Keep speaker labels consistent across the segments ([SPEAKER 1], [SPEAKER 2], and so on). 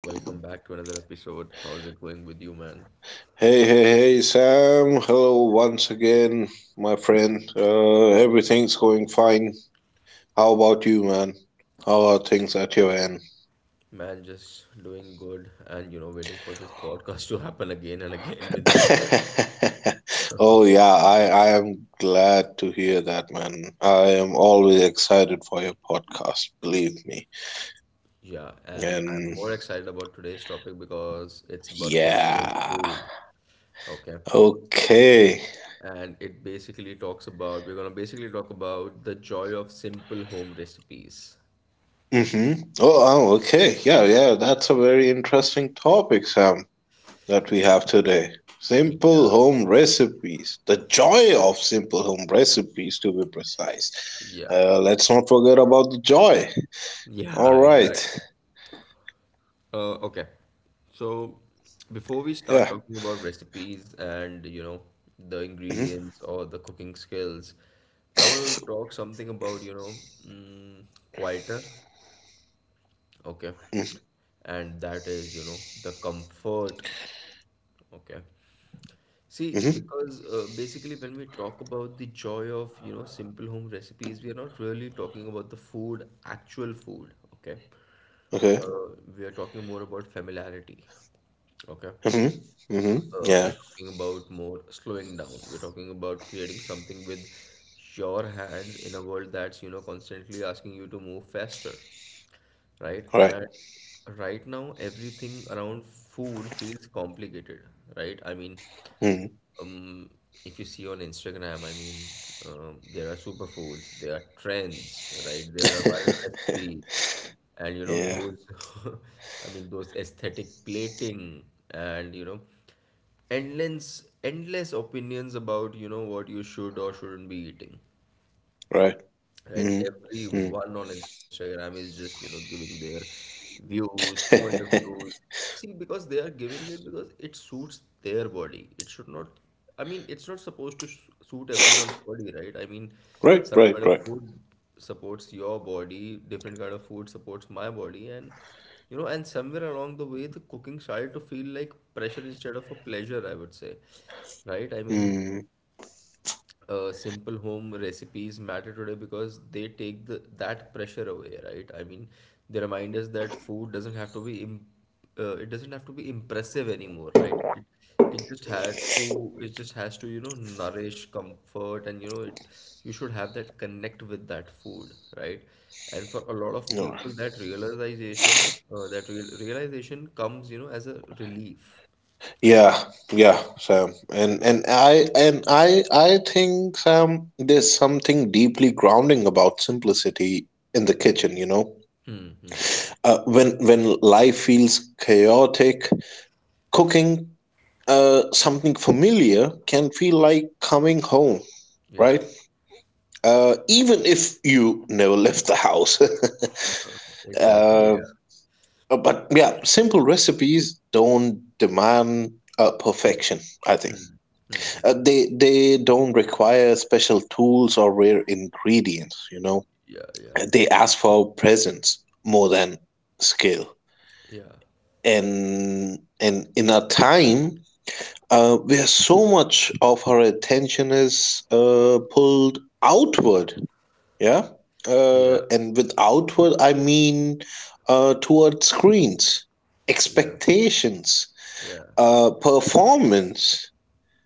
[SPEAKER 1] Welcome back to another episode. How's it going with you, man?
[SPEAKER 2] Hey, hey, hey, Sam. Hello once again, my friend. Everything's going fine. How about you, man? How are things at your end?
[SPEAKER 1] Man, just doing good and you know, waiting for this podcast to happen again and again with you, man.
[SPEAKER 2] Oh, yeah, I am glad to hear that, man. I am always excited for your podcast, believe me.
[SPEAKER 1] Yeah, and I'm
[SPEAKER 2] And
[SPEAKER 1] more excited about today's topic because it's about cooking and
[SPEAKER 2] yeah,
[SPEAKER 1] food. Okay.
[SPEAKER 2] okay.
[SPEAKER 1] And it basically talks about, we're gonna basically talk about the joy of simple home recipes.
[SPEAKER 2] Mm-hmm. Oh, okay. Yeah, yeah, that's a very interesting topic, Sam, that we have today. Simple
[SPEAKER 1] Yeah,
[SPEAKER 2] home recipes. The joy of simple home recipes, to be precise.
[SPEAKER 1] yeah,
[SPEAKER 2] Let's not forget about the joy. All
[SPEAKER 1] yeah,
[SPEAKER 2] right.
[SPEAKER 1] exactly. Okay. So before we start
[SPEAKER 2] Yeah.
[SPEAKER 1] talking about recipes and you know the
[SPEAKER 2] hmm
[SPEAKER 1] ingredients or the cooking skills, I want to talk something about you know mm, quieter. Okay. And that is you know the comfort. Okay. See,
[SPEAKER 2] hmm
[SPEAKER 1] because basically when we talk about the joy of you know simple home recipes, we are not really talking about the food, actual food. Okay.
[SPEAKER 2] Okay.
[SPEAKER 1] We are talking more about familiarity. Okay.
[SPEAKER 2] hmm Yeah.
[SPEAKER 1] We're talking about more slowing down. We're talking about creating something with your hands in a world that's, you know, constantly asking you to move faster, right?
[SPEAKER 2] All right.
[SPEAKER 1] And right now, everything around food feels complicated, right? I mean,
[SPEAKER 2] Mhm.
[SPEAKER 1] um, if you see on Instagram, I mean, there are superfoods, there are trends, right? There are viral recipes, and you know
[SPEAKER 2] Yeah.
[SPEAKER 1] those, I mean, those aesthetic plating, and you know, endless, endless opinions about you know what you should or shouldn't be eating.
[SPEAKER 2] Right.
[SPEAKER 1] Right,
[SPEAKER 2] hmm mm
[SPEAKER 1] everyone on Instagram is just, you know, giving their views, point of views. See, because they are giving it because it suits their body. It should not, I mean, it's not supposed to suit everyone's body, right? I mean,
[SPEAKER 2] Right.
[SPEAKER 1] some
[SPEAKER 2] Right.
[SPEAKER 1] kind of
[SPEAKER 2] Right.
[SPEAKER 1] food supports your body, different kind of food supports my body, and you know, and somewhere along the way, the cooking started to feel like pressure instead of a pleasure, I would say, right? I mean,
[SPEAKER 2] Mm.
[SPEAKER 1] simple home recipes matter today because they take the that pressure away, right? I mean, they remind us that food doesn't have to be imp it doesn't have to be impressive anymore, right? It just had to it just has to, you know, nourish comfort and you know it you should have that connect with that food, right? And for a lot of
[SPEAKER 2] All right.
[SPEAKER 1] people, that realization that real realization comes, you know, as a relief, I feel.
[SPEAKER 2] Yeah, yeah, Sam. And I think, Sam, there's something deeply grounding about simplicity in the kitchen, you know.
[SPEAKER 1] Hmm, hmm.
[SPEAKER 2] When life feels chaotic, cooking something familiar can feel like coming home,
[SPEAKER 1] Yeah,
[SPEAKER 2] right? Even if you never left the house.
[SPEAKER 1] exactly. Yeah.
[SPEAKER 2] uh, but yeah, simple recipes don't demand perfection, I think.
[SPEAKER 1] Hmm, hmm.
[SPEAKER 2] They don't require special tools or rare ingredients, you know.
[SPEAKER 1] Yeah, yeah,
[SPEAKER 2] They ask for presence more than skill.
[SPEAKER 1] yeah,
[SPEAKER 2] And in a time where so much of our attention is pulled outward, yeah.
[SPEAKER 1] yeah,
[SPEAKER 2] And with outward, I mean towards screens,
[SPEAKER 1] yeah,
[SPEAKER 2] expectations,
[SPEAKER 1] yeah.
[SPEAKER 2] performance,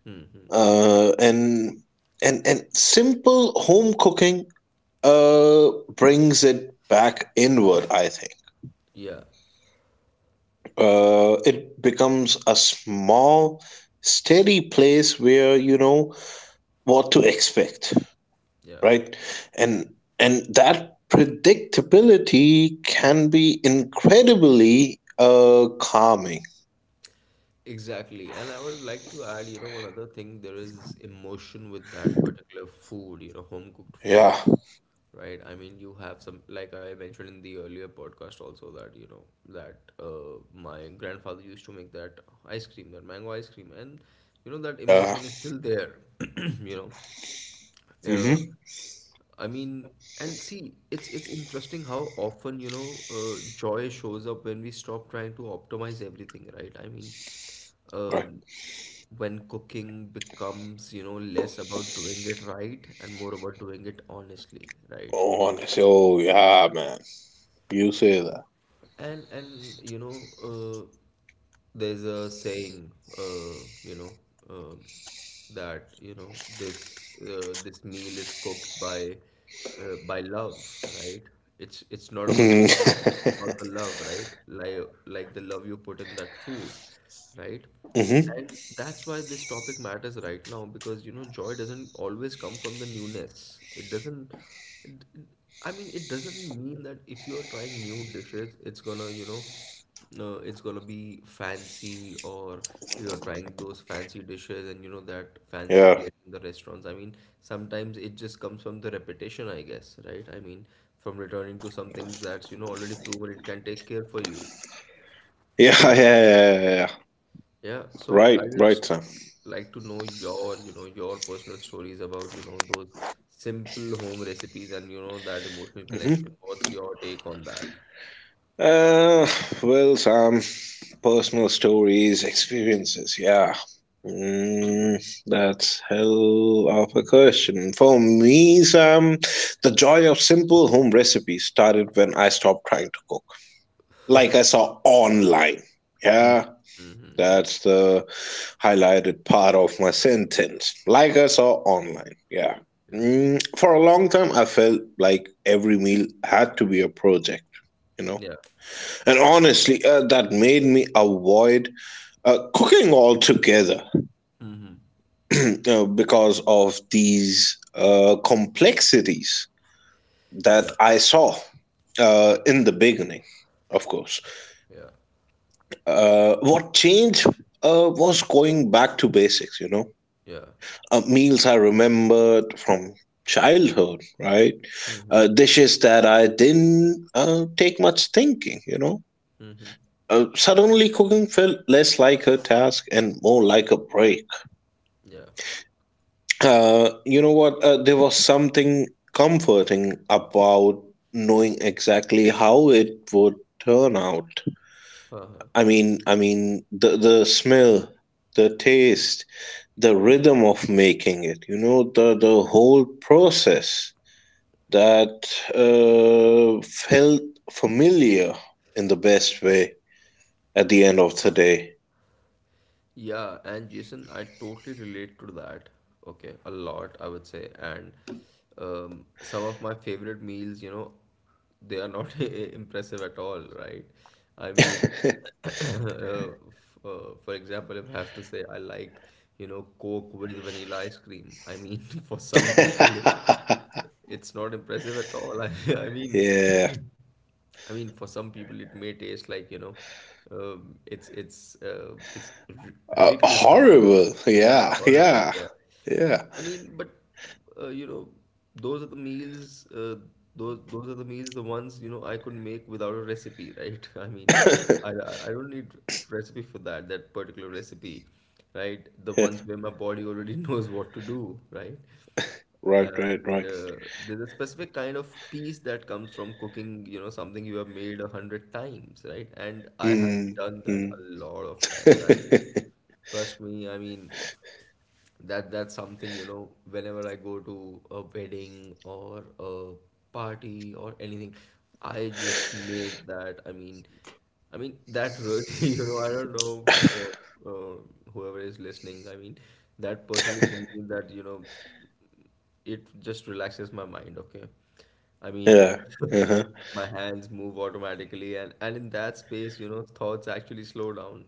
[SPEAKER 1] Mm-hmm.
[SPEAKER 2] uh, and and simple home cooking uh, brings it back inward. I think
[SPEAKER 1] Yeah,
[SPEAKER 2] it becomes a small, steady place where you know what to expect,
[SPEAKER 1] yeah,
[SPEAKER 2] right? And and that predictability can be incredibly calming.
[SPEAKER 1] exactly. And I would like to add, you know, one other thing, there is emotion with that particular food, you know, home cooked food,
[SPEAKER 2] Yeah,
[SPEAKER 1] right? I mean, you have some, like I mentioned in the earlier podcast also that, you know, that my grandfather used to make that ice cream, that mango ice cream, and you know, that
[SPEAKER 2] yeah.
[SPEAKER 1] emotion is still there, you know. Uh,
[SPEAKER 2] hmm
[SPEAKER 1] I mean, and see, it's interesting how often, you know, joy shows up when we stop trying to optimize everything, right? I mean,
[SPEAKER 2] Right.
[SPEAKER 1] um, when cooking becomes, you know, less about doing it right and more about doing it honestly, right?
[SPEAKER 2] Oh, honestly. Oh, yeah, man. You say
[SPEAKER 1] And you know, there's a saying, you know, um, that you know this this meal is cooked by love, right? It's not about the it's
[SPEAKER 2] that.
[SPEAKER 1] about the love, right? Like the love you put in that food, right?
[SPEAKER 2] Mm-hmm.
[SPEAKER 1] And that's why this topic matters right now because you know joy doesn't always come from the newness. It doesn't it, it- I mean it doesn't mean that if you are trying new dishes it's gonna you know it's gonna be fancy or you're trying those fancy dishes and you know that fancy
[SPEAKER 2] Yeah.
[SPEAKER 1] plate in the restaurants. I mean sometimes it just comes from the repetition I guess, right? I mean from returning to some things that's you know already proven it can take care for you.
[SPEAKER 2] Yeah, yeah, yeah, yeah, yeah.
[SPEAKER 1] Yeah, so I
[SPEAKER 2] Right,
[SPEAKER 1] just
[SPEAKER 2] right, Sam.
[SPEAKER 1] like to know your, you know, your personal stories about, you know, those simple home recipes and, you know, that emotional connection.
[SPEAKER 2] hmm
[SPEAKER 1] What's your take on that?
[SPEAKER 2] Uh, well, Sam, personal stories, experiences, yeah. Mm, that's hell of a question. For me, Sam, the joy of simple home recipes started when I stopped trying to cook. Like I saw online. Yeah, that's the highlighted part of my sentence, like I saw online. Yeah.
[SPEAKER 1] Yeah,
[SPEAKER 2] For a long time, I felt like every meal had to be a project, you know.
[SPEAKER 1] yeah,
[SPEAKER 2] And honestly, that made me avoid cooking altogether because of these complexities that
[SPEAKER 1] yeah,
[SPEAKER 2] I saw in the beginning, of course.
[SPEAKER 1] yeah,
[SPEAKER 2] What changed was going back to basics, you know,
[SPEAKER 1] yeah.
[SPEAKER 2] meals I remembered from childhood, right?
[SPEAKER 1] Mm-hmm,
[SPEAKER 2] Dishes that I didn't take much thinking, you know.
[SPEAKER 1] mm-hmm,
[SPEAKER 2] Suddenly, cooking felt less like a task and more like a break.
[SPEAKER 1] yeah.
[SPEAKER 2] You know what? There was something comforting about knowing exactly how it would turn out.
[SPEAKER 1] Uh-huh.
[SPEAKER 2] I mean, the smell, the taste, the rhythm of making it. You know, the whole process that felt familiar in the best way at the end of the day.
[SPEAKER 1] Yeah, and Jason, I totally relate to that. Okay, a lot, I would say. And some of my favorite meals, you know, they are not impressive at all, right? I mean, for example, if I have to say I like, you know, Coke with vanilla ice cream, I mean, for some people, it's not impressive at all. I mean,
[SPEAKER 2] Yeah.
[SPEAKER 1] I mean, for some people, it may taste like, you know, it's ri ridiculous for some.
[SPEAKER 2] Horrible.
[SPEAKER 1] Yeah,
[SPEAKER 2] Yeah.
[SPEAKER 1] horrible.
[SPEAKER 2] Yeah.
[SPEAKER 1] Yeah.
[SPEAKER 2] Yeah.
[SPEAKER 1] I mean, but you know, those are the meals. Those are the meals, the ones you know I could make without a recipe, right? I mean, I I I don't need recipe for that particular recipe, right? The
[SPEAKER 2] Yeah.
[SPEAKER 1] ones where my body already knows what to do, right?
[SPEAKER 2] Right, right,
[SPEAKER 1] And
[SPEAKER 2] right.
[SPEAKER 1] there's a specific kind of peace that comes from cooking, you know, something you have made 100 times, right? And I have
[SPEAKER 2] Mm,
[SPEAKER 1] done that
[SPEAKER 2] mm.
[SPEAKER 1] a lot of times. I mean, trust me, I mean, that's something, you know, whenever I go to a wedding or a party or anything, I just make that. I mean that really, you know, I don't know for, uh, whoever is listening. I mean, that personally for me, that you know it just relaxes my mind, okay? I mean,
[SPEAKER 2] Yeah. Uh-huh.
[SPEAKER 1] my hands move automatically, and in that space, you know, thoughts actually slow down,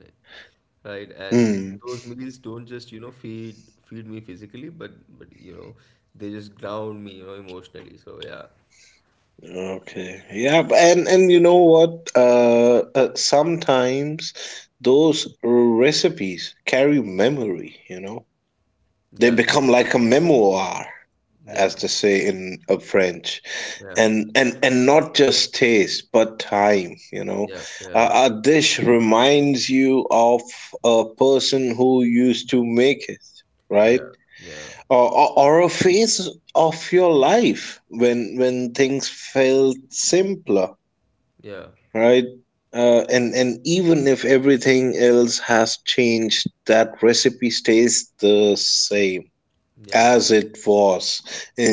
[SPEAKER 1] right? And
[SPEAKER 2] Mm,
[SPEAKER 1] those meals don't just, you know, feed me physically, but you know, they just ground me, you know, emotionally. So yeah,
[SPEAKER 2] okay. Yeah, and you know what? Sometimes those recipes carry memory, you know. They
[SPEAKER 1] yeah,
[SPEAKER 2] become like a memoir, as
[SPEAKER 1] yeah,
[SPEAKER 2] they say in French,
[SPEAKER 1] yeah,
[SPEAKER 2] and not just taste, but time. You know,
[SPEAKER 1] yeah, yeah,
[SPEAKER 2] a dish reminds you of a person who used to make it,
[SPEAKER 1] yeah,
[SPEAKER 2] right?
[SPEAKER 1] yeah,
[SPEAKER 2] Or a phase of your life when things felt simpler,
[SPEAKER 1] yeah,
[SPEAKER 2] right? And even if everything else has changed, that recipe stays the same
[SPEAKER 1] yeah,
[SPEAKER 2] as it was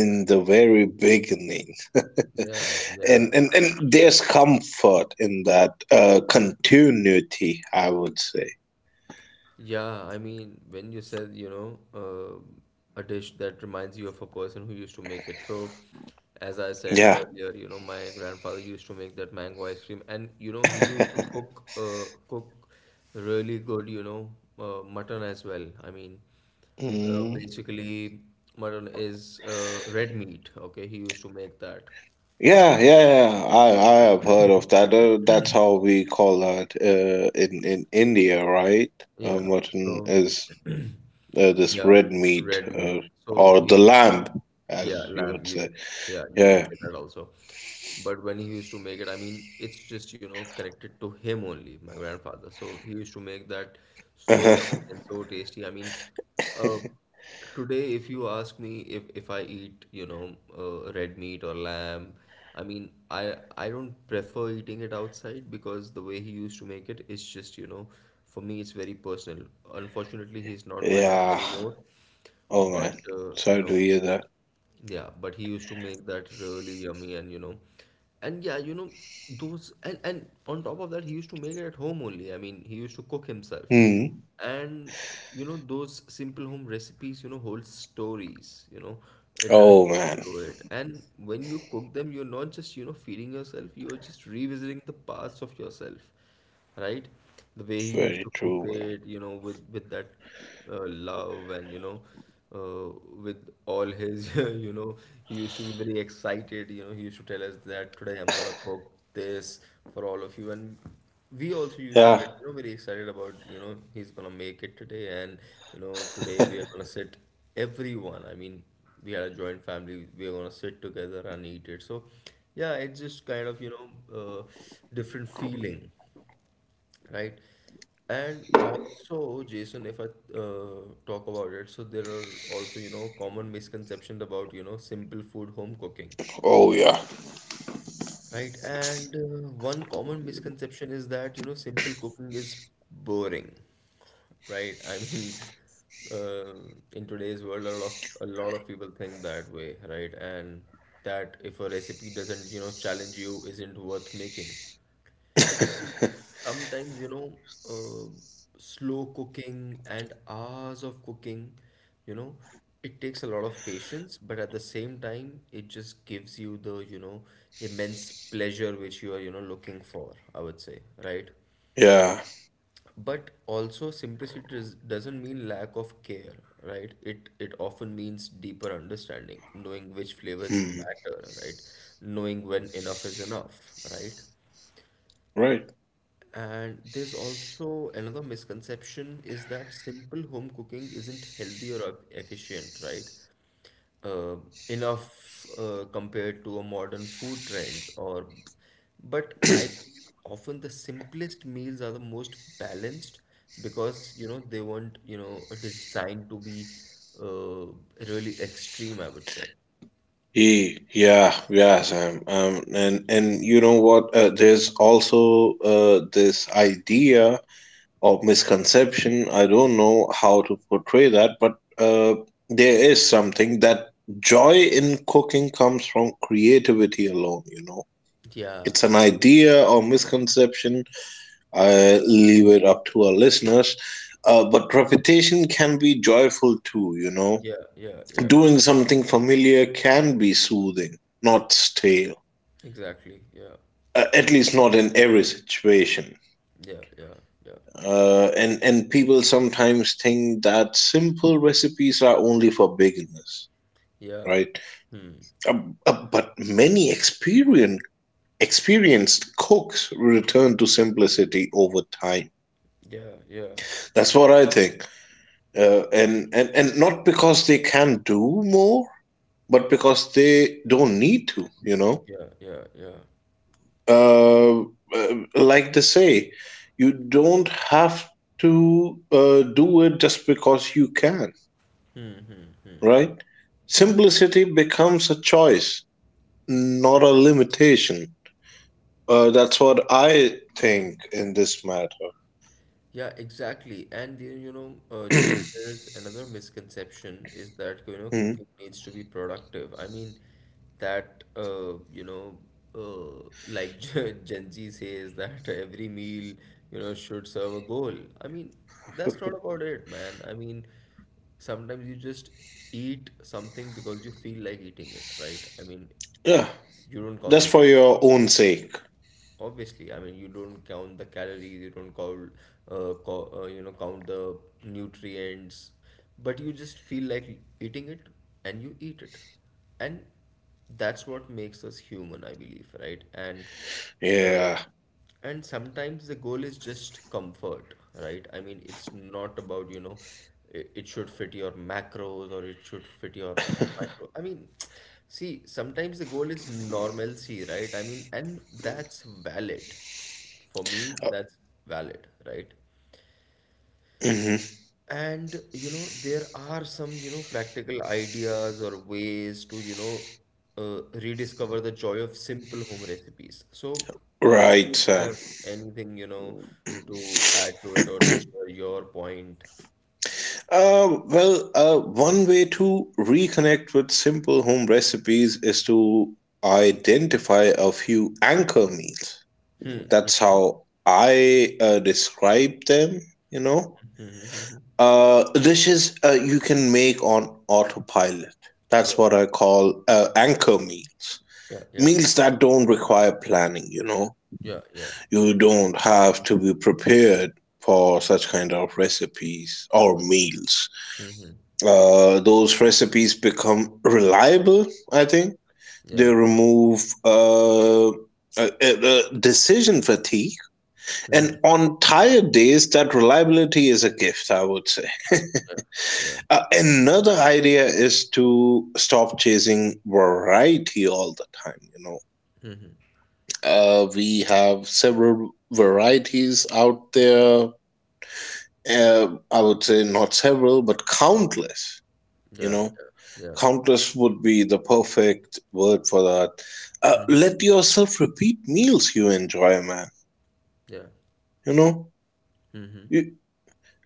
[SPEAKER 1] yeah, yeah,
[SPEAKER 2] the very beginning.
[SPEAKER 1] yeah, yeah,
[SPEAKER 2] And there's comfort in that continuity, I would say.
[SPEAKER 1] yeah. I mean, when you said, you know, a dish that reminds you of a person who used to make it. So, as I said
[SPEAKER 2] Yeah.
[SPEAKER 1] earlier, you know, my grandfather used to make that mango ice cream, and you know, he used to cook really good, you know, mutton as well. I mean,
[SPEAKER 2] Mm.
[SPEAKER 1] basically, mutton is red meat. Okay, he used to make that.
[SPEAKER 2] Yeah, yeah, yeah. I have heard of that. That's how we call that in India, right?
[SPEAKER 1] Yeah,
[SPEAKER 2] Mutton
[SPEAKER 1] so
[SPEAKER 2] is this
[SPEAKER 1] yeah,
[SPEAKER 2] red meat,
[SPEAKER 1] red meat. So
[SPEAKER 2] or
[SPEAKER 1] he
[SPEAKER 2] the
[SPEAKER 1] used.
[SPEAKER 2] lamb, as
[SPEAKER 1] Yeah,
[SPEAKER 2] you
[SPEAKER 1] lamb.
[SPEAKER 2] would
[SPEAKER 1] You,
[SPEAKER 2] say.
[SPEAKER 1] yeah, you can
[SPEAKER 2] Yeah.
[SPEAKER 1] say that also. But when he used to make it, I mean, it's just, you know, connected to him only, my grandfather. So he used to make that so yummy and so tasty. I mean, uh, today, if you ask me if I eat, you know, red meat or lamb, I mean, I don't prefer eating it outside because the way he used to make it is just, you know, for me, it's very personal. Unfortunately, he's not with us
[SPEAKER 2] Yeah.
[SPEAKER 1] anymore,
[SPEAKER 2] Oh
[SPEAKER 1] but
[SPEAKER 2] man,
[SPEAKER 1] you
[SPEAKER 2] sorry to
[SPEAKER 1] know.
[SPEAKER 2] hear that.
[SPEAKER 1] Yeah, but he used to make that really yummy and you know, and yeah, you know, those and on top of that, he used to make it at home only. I mean, he used to cook himself.
[SPEAKER 2] Hmm.
[SPEAKER 1] And you know, those simple home recipes, you know, hold stories, you know, it has a
[SPEAKER 2] Oh
[SPEAKER 1] story
[SPEAKER 2] man,
[SPEAKER 1] to it. And when you cook them, you're not just, you know, feeding yourself, you're just revisiting the parts of yourself, right? The way he used
[SPEAKER 2] very
[SPEAKER 1] to cook
[SPEAKER 2] true.
[SPEAKER 1] it, you know, with that love and you know uh, with all his you know he used to be very excited you know he used to tell us that today I'm gonna cook this for all of you and we also used to
[SPEAKER 2] Man.
[SPEAKER 1] get you know very excited about you know he's gonna make it today and you know today
[SPEAKER 2] Yeah.
[SPEAKER 1] we are gonna sit everyone I mean we had a joint family we are gonna sit together and eat it so yeah it's just kind of you know uh, different feeling right? And also, Jason, if I talk about it, so there are also, you know, common misconceptions about, you know, simple food home cooking,
[SPEAKER 2] Oh yeah.
[SPEAKER 1] right? And one common misconception is that, you know, simple cooking is boring, right? I mean, uh, in today's world, a lot of people think that way, right? And that if a recipe doesn't, you know, challenge you, isn't worth making. I mean, sometimes, you know, uh, slow cooking and hours of cooking, you know, it takes a lot of patience, but at the same time, it just gives you the, you know, immense pleasure which you are, you know, looking for, I would say, right?
[SPEAKER 2] Yeah.
[SPEAKER 1] But also, doesn't mean lack of care, right? It often means deeper understanding, knowing which flavors
[SPEAKER 2] Hmm.
[SPEAKER 1] matter, right? Knowing when enough is enough, right?
[SPEAKER 2] Right.
[SPEAKER 1] And there's also another misconception is that simple home cooking isn't healthy or efficient, right? Uh, enough compared to a modern food trends or but I believe often the simplest meals are the most balanced because you know they weren't you know designed to be uh, really extreme, I would say.
[SPEAKER 2] Yeah, yeah, Sam. And you know what? There's also this idea or misconception. I don't know how to portray that, but there is something that joy in cooking comes from creativity alone. You know,
[SPEAKER 1] Yeah,
[SPEAKER 2] it's an idea or misconception I leave it up to our listeners. But repetition can be joyful too, you know.
[SPEAKER 1] yeah, yeah, yeah.
[SPEAKER 2] Doing something familiar can be soothing, not stale.
[SPEAKER 1] Exactly. Yeah,
[SPEAKER 2] At least not in every situation.
[SPEAKER 1] yeah, yeah, yeah,
[SPEAKER 2] And people sometimes think that simple recipes are only for beginners,
[SPEAKER 1] yeah.
[SPEAKER 2] right?
[SPEAKER 1] Hmm.
[SPEAKER 2] Uh, but many experienced cooks return to simplicity over time.
[SPEAKER 1] Yeah, yeah,
[SPEAKER 2] That's what I think, and not because they can do more, but because they don't need to, you know.
[SPEAKER 1] yeah, yeah, yeah.
[SPEAKER 2] Uh, Like they say, you don't have to do it just because you can,
[SPEAKER 1] Hmm, hmm, hmm.
[SPEAKER 2] right? Simplicity becomes a choice, not a limitation, that's what I think in this matter.
[SPEAKER 1] Yeah, exactly. And then, you know, just there is another misconception is that, you know,
[SPEAKER 2] Mhm.
[SPEAKER 1] cooking needs to be productive. I mean, that, you know, like Gen Z says that every meal, you know, should serve a goal. I mean, that's not about it, man. I mean, sometimes you just eat something because you feel like eating it, right? I mean,
[SPEAKER 2] Yeah,
[SPEAKER 1] you don't count
[SPEAKER 2] just
[SPEAKER 1] the
[SPEAKER 2] for your
[SPEAKER 1] calories.
[SPEAKER 2] own sake.
[SPEAKER 1] Obviously, I mean you don't count the calories, you don't count you know count the nutrients but you just feel like eating it and you eat it and that's what makes us human, I believe, right? And uh,
[SPEAKER 2] Yeah.
[SPEAKER 1] and sometimes the goal is just comfort, right? I mean, it's not about, you know, it should fit your macros or it should fit your micro. I mean, see, sometimes the goal is normalcy, right? I mean, and that's valid. For me, that's valid, right?
[SPEAKER 2] hmm
[SPEAKER 1] And you know, there are some, you know, practical ideas or ways to, you know, rediscover the joy of simple home recipes. So, do
[SPEAKER 2] right,
[SPEAKER 1] you
[SPEAKER 2] Sam.
[SPEAKER 1] have anything, you know, to add to it or to share your point?
[SPEAKER 2] Well, one way to reconnect with simple home recipes is to identify a few anchor meals. That's how I describe them, you know.
[SPEAKER 1] Mm-hmm.
[SPEAKER 2] Dishes you can make on autopilot. That's
[SPEAKER 1] Yeah,
[SPEAKER 2] what I call anchor meals.
[SPEAKER 1] yeah, yeah,
[SPEAKER 2] Meals that don't require planning, you know.
[SPEAKER 1] yeah, yeah.
[SPEAKER 2] You don't have to be prepared for such kind of recipes or meals.
[SPEAKER 1] Mm-hmm.
[SPEAKER 2] Those recipes become reliable, I think. They
[SPEAKER 1] Yeah.
[SPEAKER 2] remove decision fatigue.
[SPEAKER 1] Mm-hmm.
[SPEAKER 2] And on tired days, that reliability is a gift, I would say.
[SPEAKER 1] Yeah. Yeah.
[SPEAKER 2] Another idea is to stop chasing variety all the time, you know.
[SPEAKER 1] Mm-hmm.
[SPEAKER 2] We have several varieties out there. I would say not several, but countless. You
[SPEAKER 1] Yeah.
[SPEAKER 2] know,
[SPEAKER 1] Yeah. Yeah.
[SPEAKER 2] countless would be the perfect word for that.
[SPEAKER 1] Mm-hmm.
[SPEAKER 2] Let yourself repeat meals you enjoy, man,
[SPEAKER 1] Yeah.
[SPEAKER 2] you know,
[SPEAKER 1] Mm-hmm.
[SPEAKER 2] you,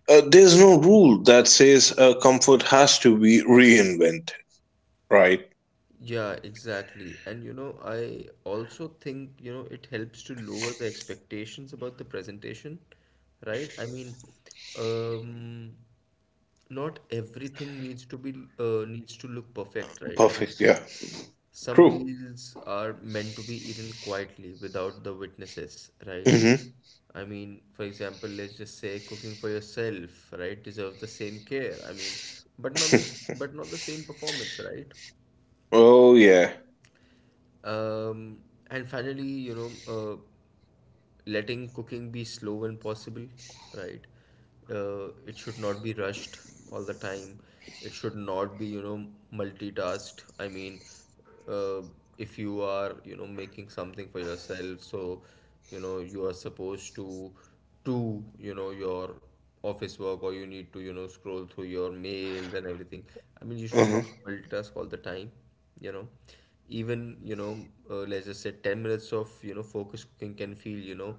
[SPEAKER 2] there's no rule that says comfort has to be reinvented, right?
[SPEAKER 1] Yeah, exactly. And you know, I also think, you know, it helps to lower the expectations about the presentation, right? I mean, um, not everything needs to be needs to look perfect, right? I mean,
[SPEAKER 2] Perfect, yeah.
[SPEAKER 1] some
[SPEAKER 2] True.
[SPEAKER 1] meals are meant to be eaten quietly without the witnesses, right?
[SPEAKER 2] hmm
[SPEAKER 1] I mean, for example, let's just say cooking for yourself, right, deserves the same care. I mean, but not the, but not the same performance, right?
[SPEAKER 2] oh yeah.
[SPEAKER 1] Um, and finally, you know, letting cooking be slow when possible, right? It should not be rushed all the time. It should not be, you know, multitasked. I mean, uh, if you are, you know, making something for yourself, so, you know, you are supposed to do, you know, your office work or you need to, you know, scroll through your mails and everything. I mean, you should not
[SPEAKER 2] Uh-huh.
[SPEAKER 1] multitask all the time, you know, even you know, let's just say 10 minutes of you know focus cooking can feel you know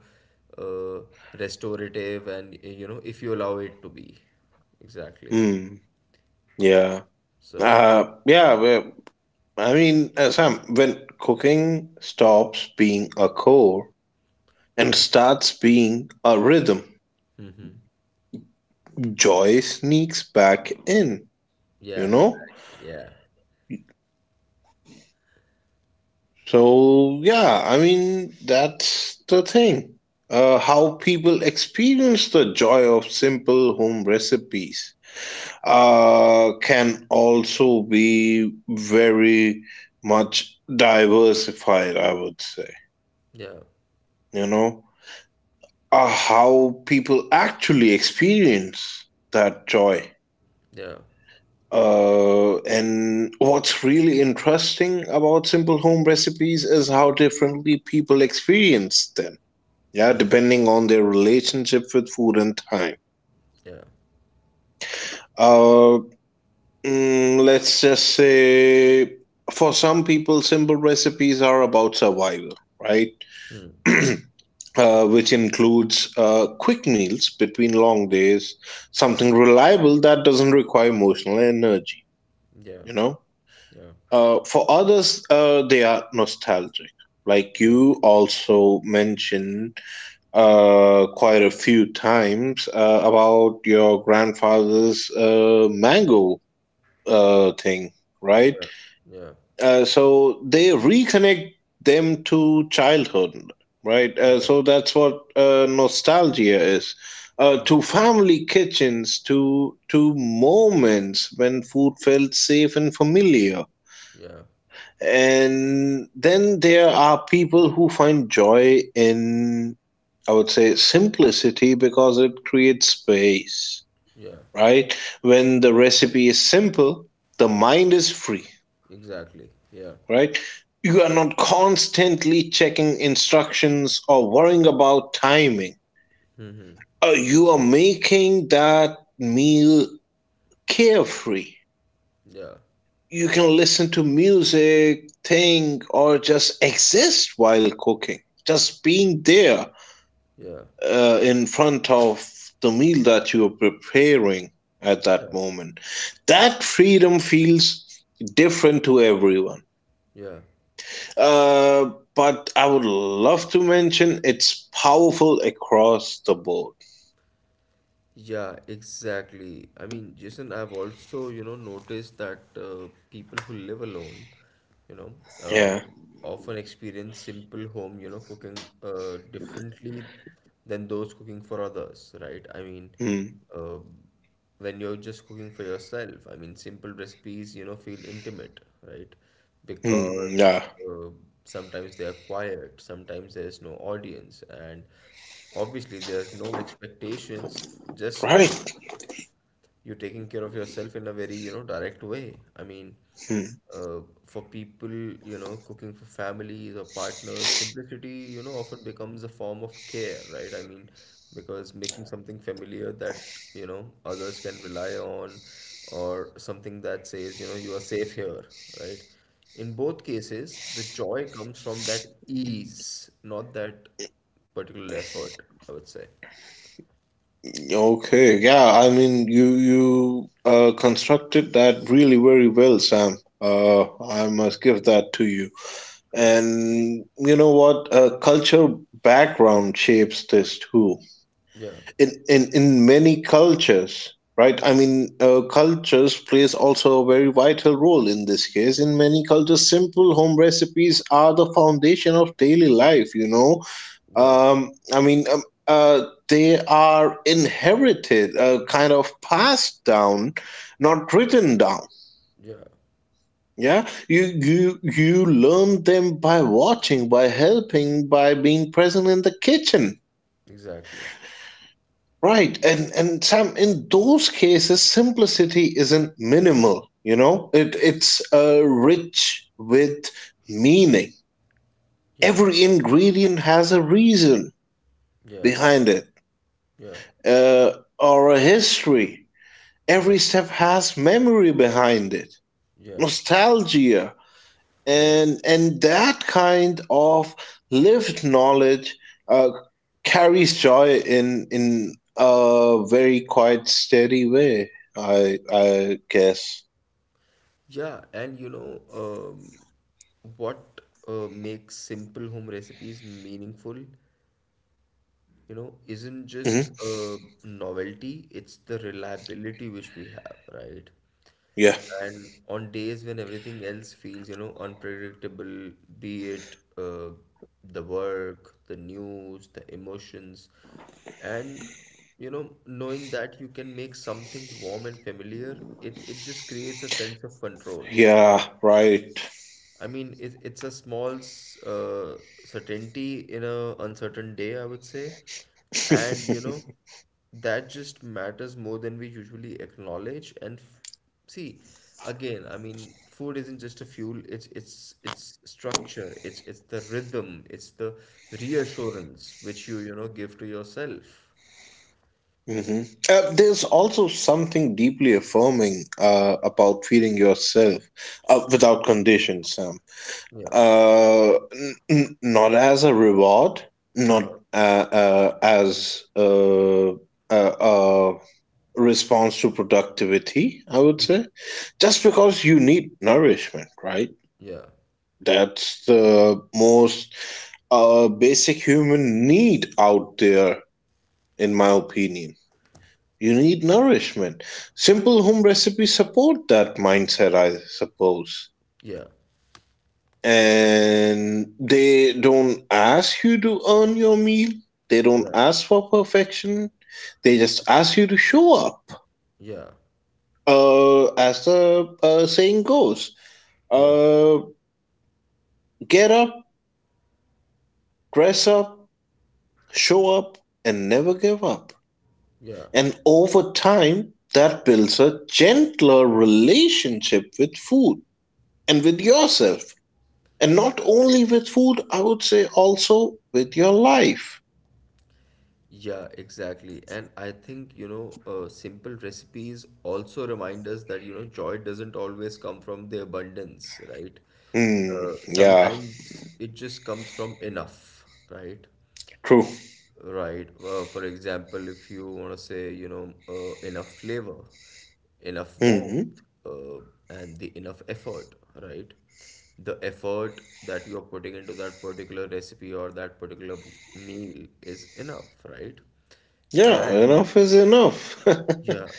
[SPEAKER 1] uh, restorative and you know if you allow it to be exactly.
[SPEAKER 2] Hmm. Yeah.
[SPEAKER 1] So
[SPEAKER 2] Yeah, well, I mean, Sam, when cooking stops being a chore and
[SPEAKER 1] uh,
[SPEAKER 2] starts being a rhythm,
[SPEAKER 1] mhm.
[SPEAKER 2] joy sneaks back in,
[SPEAKER 1] Yeah,
[SPEAKER 2] you know?
[SPEAKER 1] exactly. Yeah,
[SPEAKER 2] So, yeah, I mean, that's the thing. How people experience the joy of simple home recipes can also be very much diversified, I would say.
[SPEAKER 1] yeah,
[SPEAKER 2] You know, how people actually experience that joy.
[SPEAKER 1] yeah.
[SPEAKER 2] And what's really interesting about simple home recipes is how differently people experience them. Yeah,
[SPEAKER 1] Mm.
[SPEAKER 2] depending on their relationship with food and time.
[SPEAKER 1] Yeah.
[SPEAKER 2] Uh, let's just say, for some people, simple recipes are about survival, right?
[SPEAKER 1] Mm, mm.
[SPEAKER 2] Which includes quick meals between long days, something reliable that doesn't require emotional energy,
[SPEAKER 1] Yeah,
[SPEAKER 2] you know?
[SPEAKER 1] yeah,
[SPEAKER 2] For others, they are nostalgic. Like
[SPEAKER 1] yeah,
[SPEAKER 2] you also mentioned quite a few times about your grandfather's mango thing,
[SPEAKER 1] yeah,
[SPEAKER 2] right?
[SPEAKER 1] yeah,
[SPEAKER 2] So they reconnect them to childhood, right?
[SPEAKER 1] yeah,
[SPEAKER 2] So that's what nostalgia is.
[SPEAKER 1] yeah,
[SPEAKER 2] To family kitchens, to moments when food felt safe and familiar,
[SPEAKER 1] yeah,
[SPEAKER 2] and then there are people who find joy in, I would say, simplicity because it creates space,
[SPEAKER 1] yeah,
[SPEAKER 2] right? When the recipe is simple, the mind is free,
[SPEAKER 1] exactly. Yeah,
[SPEAKER 2] right? You are not constantly checking instructions or worrying about timing. You are making that meal carefree.
[SPEAKER 1] yeah,
[SPEAKER 2] You can listen to music, think, or just exist while cooking. Just being there
[SPEAKER 1] yeah,
[SPEAKER 2] in front of the meal that you are preparing at that
[SPEAKER 1] yeah,
[SPEAKER 2] moment. That freedom feels different to everyone.
[SPEAKER 1] yeah.
[SPEAKER 2] But I would love to mention it's powerful across the board.
[SPEAKER 1] Yeah, exactly. I mean, Jason, I've also, you know, noticed that people who live alone, you know, uh,
[SPEAKER 2] Yeah.
[SPEAKER 1] often experience simple home, you know, cooking differently than those cooking for others, right? I mean,
[SPEAKER 2] Hmm.
[SPEAKER 1] uh, when you're just cooking for yourself. I mean, simple recipes, you know, feel intimate, right?
[SPEAKER 2] Hmm.
[SPEAKER 1] Because
[SPEAKER 2] Yeah.
[SPEAKER 1] uh, sometimes they are quiet, sometimes there's no audience, and obviously there's no expectations, just your
[SPEAKER 2] Right.
[SPEAKER 1] you're taking care of yourself in a very, you know, direct way. I mean,
[SPEAKER 2] Hmm.
[SPEAKER 1] uh, for people, you know, cooking for families or partners, simplicity, you know, often becomes a form of care, right? I mean, because making something familiar that, you know, others can rely on or something that says, you know, you are safe here, right? In both cases, the joy comes from that ease, not that particular effort, I would say.
[SPEAKER 2] Okay, yeah, I mean, you constructed that really very well, Sam. I
[SPEAKER 1] Yeah.
[SPEAKER 2] must give that to you.
[SPEAKER 1] Yeah,
[SPEAKER 2] And you know what? Culture background shapes this too.
[SPEAKER 1] yeah,
[SPEAKER 2] In many cultures, right? I mean, cultures plays also a very vital role in this case. In many cultures, simple home recipes are the foundation of daily life. You know,
[SPEAKER 1] yeah,
[SPEAKER 2] they are inherited, kind of passed down, not written down.
[SPEAKER 1] yeah.
[SPEAKER 2] Yeah, you learn them by watching, by helping, by being present in the kitchen,
[SPEAKER 1] Exactly.
[SPEAKER 2] right? And Sam, in those cases, simplicity isn't minimal. You know, it's rich with meaning.
[SPEAKER 1] Yeah.
[SPEAKER 2] Every ingredient has a reason
[SPEAKER 1] Yeah.
[SPEAKER 2] behind it,
[SPEAKER 1] Yeah.
[SPEAKER 2] uh, or a history,
[SPEAKER 1] Yeah.
[SPEAKER 2] every step has memory behind it,
[SPEAKER 1] Yeah.
[SPEAKER 2] nostalgia,
[SPEAKER 1] Yeah.
[SPEAKER 2] and that kind of lived knowledge uh, carries joy in a very quite steady way, I guess.
[SPEAKER 1] Yeah. And you know, what makes simple home recipes meaningful, you know, isn't just
[SPEAKER 2] hmm
[SPEAKER 1] novelty, it's the reliability which we have, right?
[SPEAKER 2] yeah.
[SPEAKER 1] And on days when everything else feels, you know, unpredictable, be it the work, the news, the emotions, and you know, knowing that you can make something warm and familiar, it just creates a sense of control,
[SPEAKER 2] Yeah.
[SPEAKER 1] right?
[SPEAKER 2] Right.
[SPEAKER 1] I mean, it's a small certainty in a uncertain day, I would say. And you know, that just matters more than we usually acknowledge. And f See, again, I mean, food isn't just a fuel, it's it's structure, it's the rhythm, it's the reassurance which you know, give to yourself.
[SPEAKER 2] hmm there's also something deeply affirming about feeling yourself without conditions.
[SPEAKER 1] Yeah.
[SPEAKER 2] Not as a reward, not
[SPEAKER 1] Uh-huh.
[SPEAKER 2] uh, uh, as uh, a, a response to productivity, I would
[SPEAKER 1] Hmm.
[SPEAKER 2] say. Just because you need nourishment, right?
[SPEAKER 1] Yeah.
[SPEAKER 2] That's the most basic human need out there, in my opinion. You need nourishment. Simple home recipes support that mindset, I suppose.
[SPEAKER 1] Yeah.
[SPEAKER 2] And they don't ask you to earn your meal, they don't
[SPEAKER 1] Yeah.
[SPEAKER 2] ask for perfection, they just ask you to show up,
[SPEAKER 1] Yeah.
[SPEAKER 2] as the saying goes,
[SPEAKER 1] Yeah.
[SPEAKER 2] uh, get up, dress up, show up, and never give up.
[SPEAKER 1] Yeah.
[SPEAKER 2] And over time, that builds a gentler relationship with food and with yourself, and not only with food, I would say, also with your life.
[SPEAKER 1] Yeah, exactly. And I think, you know, simple recipes also remind us that, you know, joy doesn't always come from the abundance, right?
[SPEAKER 2] Yeah.
[SPEAKER 1] Sometimes it just comes from enough, right?
[SPEAKER 2] True.
[SPEAKER 1] Right. For example, if you want to say, you know, enough flavor, enough warmth,
[SPEAKER 2] hmm
[SPEAKER 1] uh, and the enough effort, right? The effort that you're putting into that particular recipe or that particular meal is enough, right?
[SPEAKER 2] Yeah,
[SPEAKER 1] And
[SPEAKER 2] enough is enough.
[SPEAKER 1] yeah,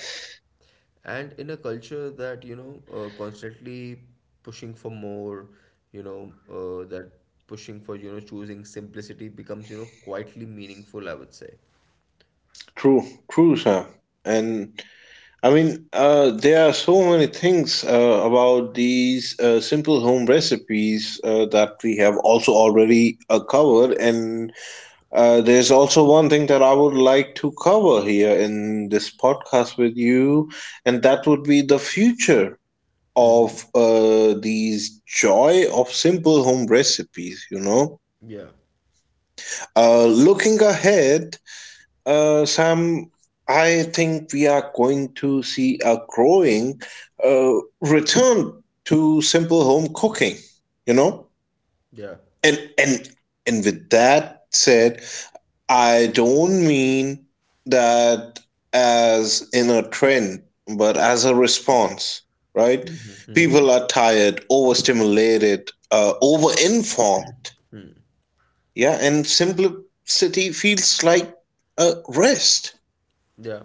[SPEAKER 1] and in a culture that, you know, constantly pushing for more, you know, that pushing for, you know, choosing simplicity becomes, you know, quietly meaningful, I would say.
[SPEAKER 2] True, true, Sam. And I mean, there are so many things about these simple home recipes that we have also already covered. And there's also one thing that I would like to cover here in this podcast with you, and that would be the future of these joy of simple home recipes, you know?
[SPEAKER 1] Yeah.
[SPEAKER 2] Looking ahead, Sam, I think we are going to see a growing uh, return to simple home cooking, you know?
[SPEAKER 1] Yeah.
[SPEAKER 2] And and and with that said, I don't mean that as in a trend, but as a response, right?
[SPEAKER 1] Mm-hmm, mm-hmm.
[SPEAKER 2] People are tired, overstimulated, overinformed, yeah, and simplicity feels like a rest.
[SPEAKER 1] Yeah.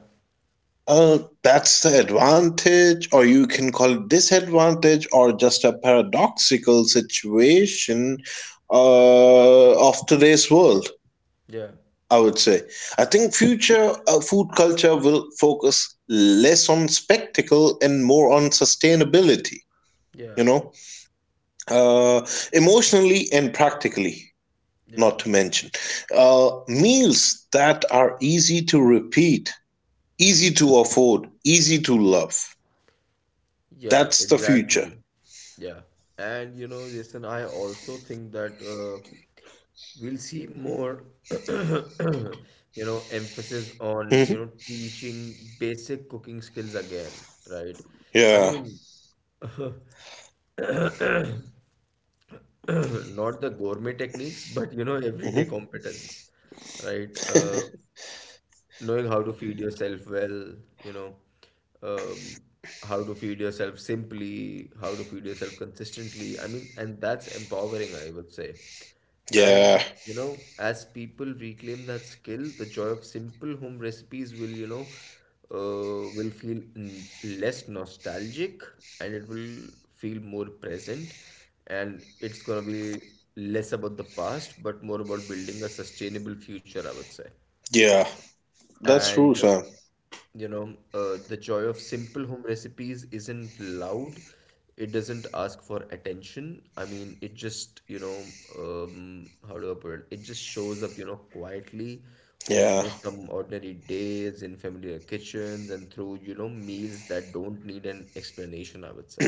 [SPEAKER 2] Uh, that's the advantage, or you can call it disadvantage, or just a paradoxical situation of today's world.
[SPEAKER 1] Yeah.
[SPEAKER 2] I would say. I think future food culture will focus less on spectacle and more on sustainability.
[SPEAKER 1] Yeah.
[SPEAKER 2] You know, uh, emotionally and practically.
[SPEAKER 1] Yeah.
[SPEAKER 2] Not to mention, meals that are easy to repeat, easy to afford, easy to love.
[SPEAKER 1] Yeah,
[SPEAKER 2] That's the future.
[SPEAKER 1] exactly. Yeah. And you know, Jason, I also think that we'll see more, you know, emphasis on, you
[SPEAKER 2] hmm
[SPEAKER 1] know, teaching basic cooking skills again, right? I
[SPEAKER 2] Yeah.
[SPEAKER 1] mean, not the gourmet techniques, but you know, everyday
[SPEAKER 2] hmm
[SPEAKER 1] competence, right? Knowing how to feed yourself well, you know, um, how to feed yourself simply, how to feed yourself consistently. I mean, and that's empowering, I would say.
[SPEAKER 2] yeah.
[SPEAKER 1] And, you know, as people reclaim that skill, the joy of simple home recipes will, you know, will feel less nostalgic and it will feel more present. And it's going to be less about the past, but more about building a sustainable future, I would say.
[SPEAKER 2] Yeah. That's true,
[SPEAKER 1] And
[SPEAKER 2] Sam.
[SPEAKER 1] you know, the joy of simple home recipes isn't loud. It doesn't ask for attention. I mean, it just, you know, how do I put it? It just shows up, you know, quietly on, you
[SPEAKER 2] Yeah.
[SPEAKER 1] know, some ordinary days in familiar kitchens and through, you know, meals that don't need an explanation, I would say.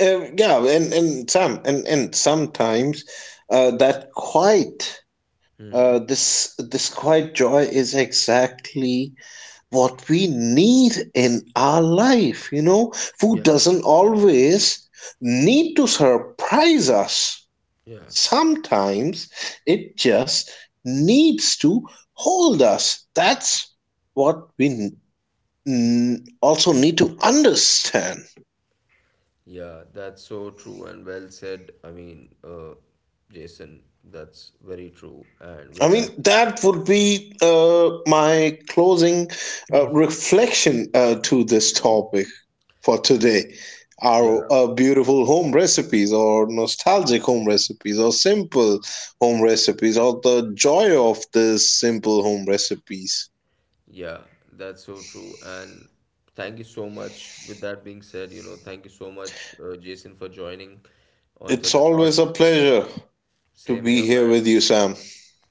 [SPEAKER 2] Yeah, and Sam, and sometimes that quiet,
[SPEAKER 1] Mm-hmm.
[SPEAKER 2] this this quiet joy is exactly what we need in our life. You know, food
[SPEAKER 1] Yeah,
[SPEAKER 2] doesn't always need to surprise us.
[SPEAKER 1] yeah,
[SPEAKER 2] Sometimes it just needs to hold us. That's what we also need to understand.
[SPEAKER 1] yeah, that's so true and well said. I mean, Jason, that's very true. And
[SPEAKER 2] I
[SPEAKER 1] with
[SPEAKER 2] mean,
[SPEAKER 1] that,
[SPEAKER 2] that would be my closing reflection to this topic for today.
[SPEAKER 1] yeah,
[SPEAKER 2] Our beautiful home recipes, or nostalgic home recipes, or simple home recipes, or the joy of these simple home recipes.
[SPEAKER 1] yeah, that's so true. And thank you so much. With that being said, you know, thank you so much, Jason, for joining on such
[SPEAKER 2] It's
[SPEAKER 1] a short
[SPEAKER 2] always a
[SPEAKER 1] notice.
[SPEAKER 2] pleasure to
[SPEAKER 1] Same
[SPEAKER 2] be
[SPEAKER 1] here,
[SPEAKER 2] here
[SPEAKER 1] man.
[SPEAKER 2] with you, Sam.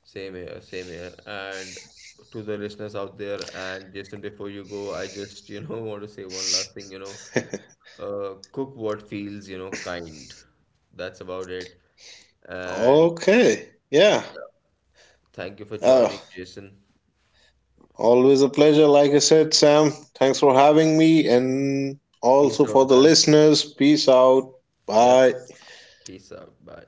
[SPEAKER 1] Same here, same here. And to the listeners out there, and Jason, before you go, I just, you know, want to say one last thing, you know, cook what feels, you know, kind. That's about it. And
[SPEAKER 2] Okay. Yeah.
[SPEAKER 1] yeah, thank you for
[SPEAKER 2] Uh,
[SPEAKER 1] joining, Jason.
[SPEAKER 2] Always a pleasure. Like I said, Sam, thanks for having me and also
[SPEAKER 1] Peace out,
[SPEAKER 2] for the
[SPEAKER 1] man.
[SPEAKER 2] listeners. Peace out.
[SPEAKER 1] Yeah,
[SPEAKER 2] Bye.
[SPEAKER 1] peace out. Bye.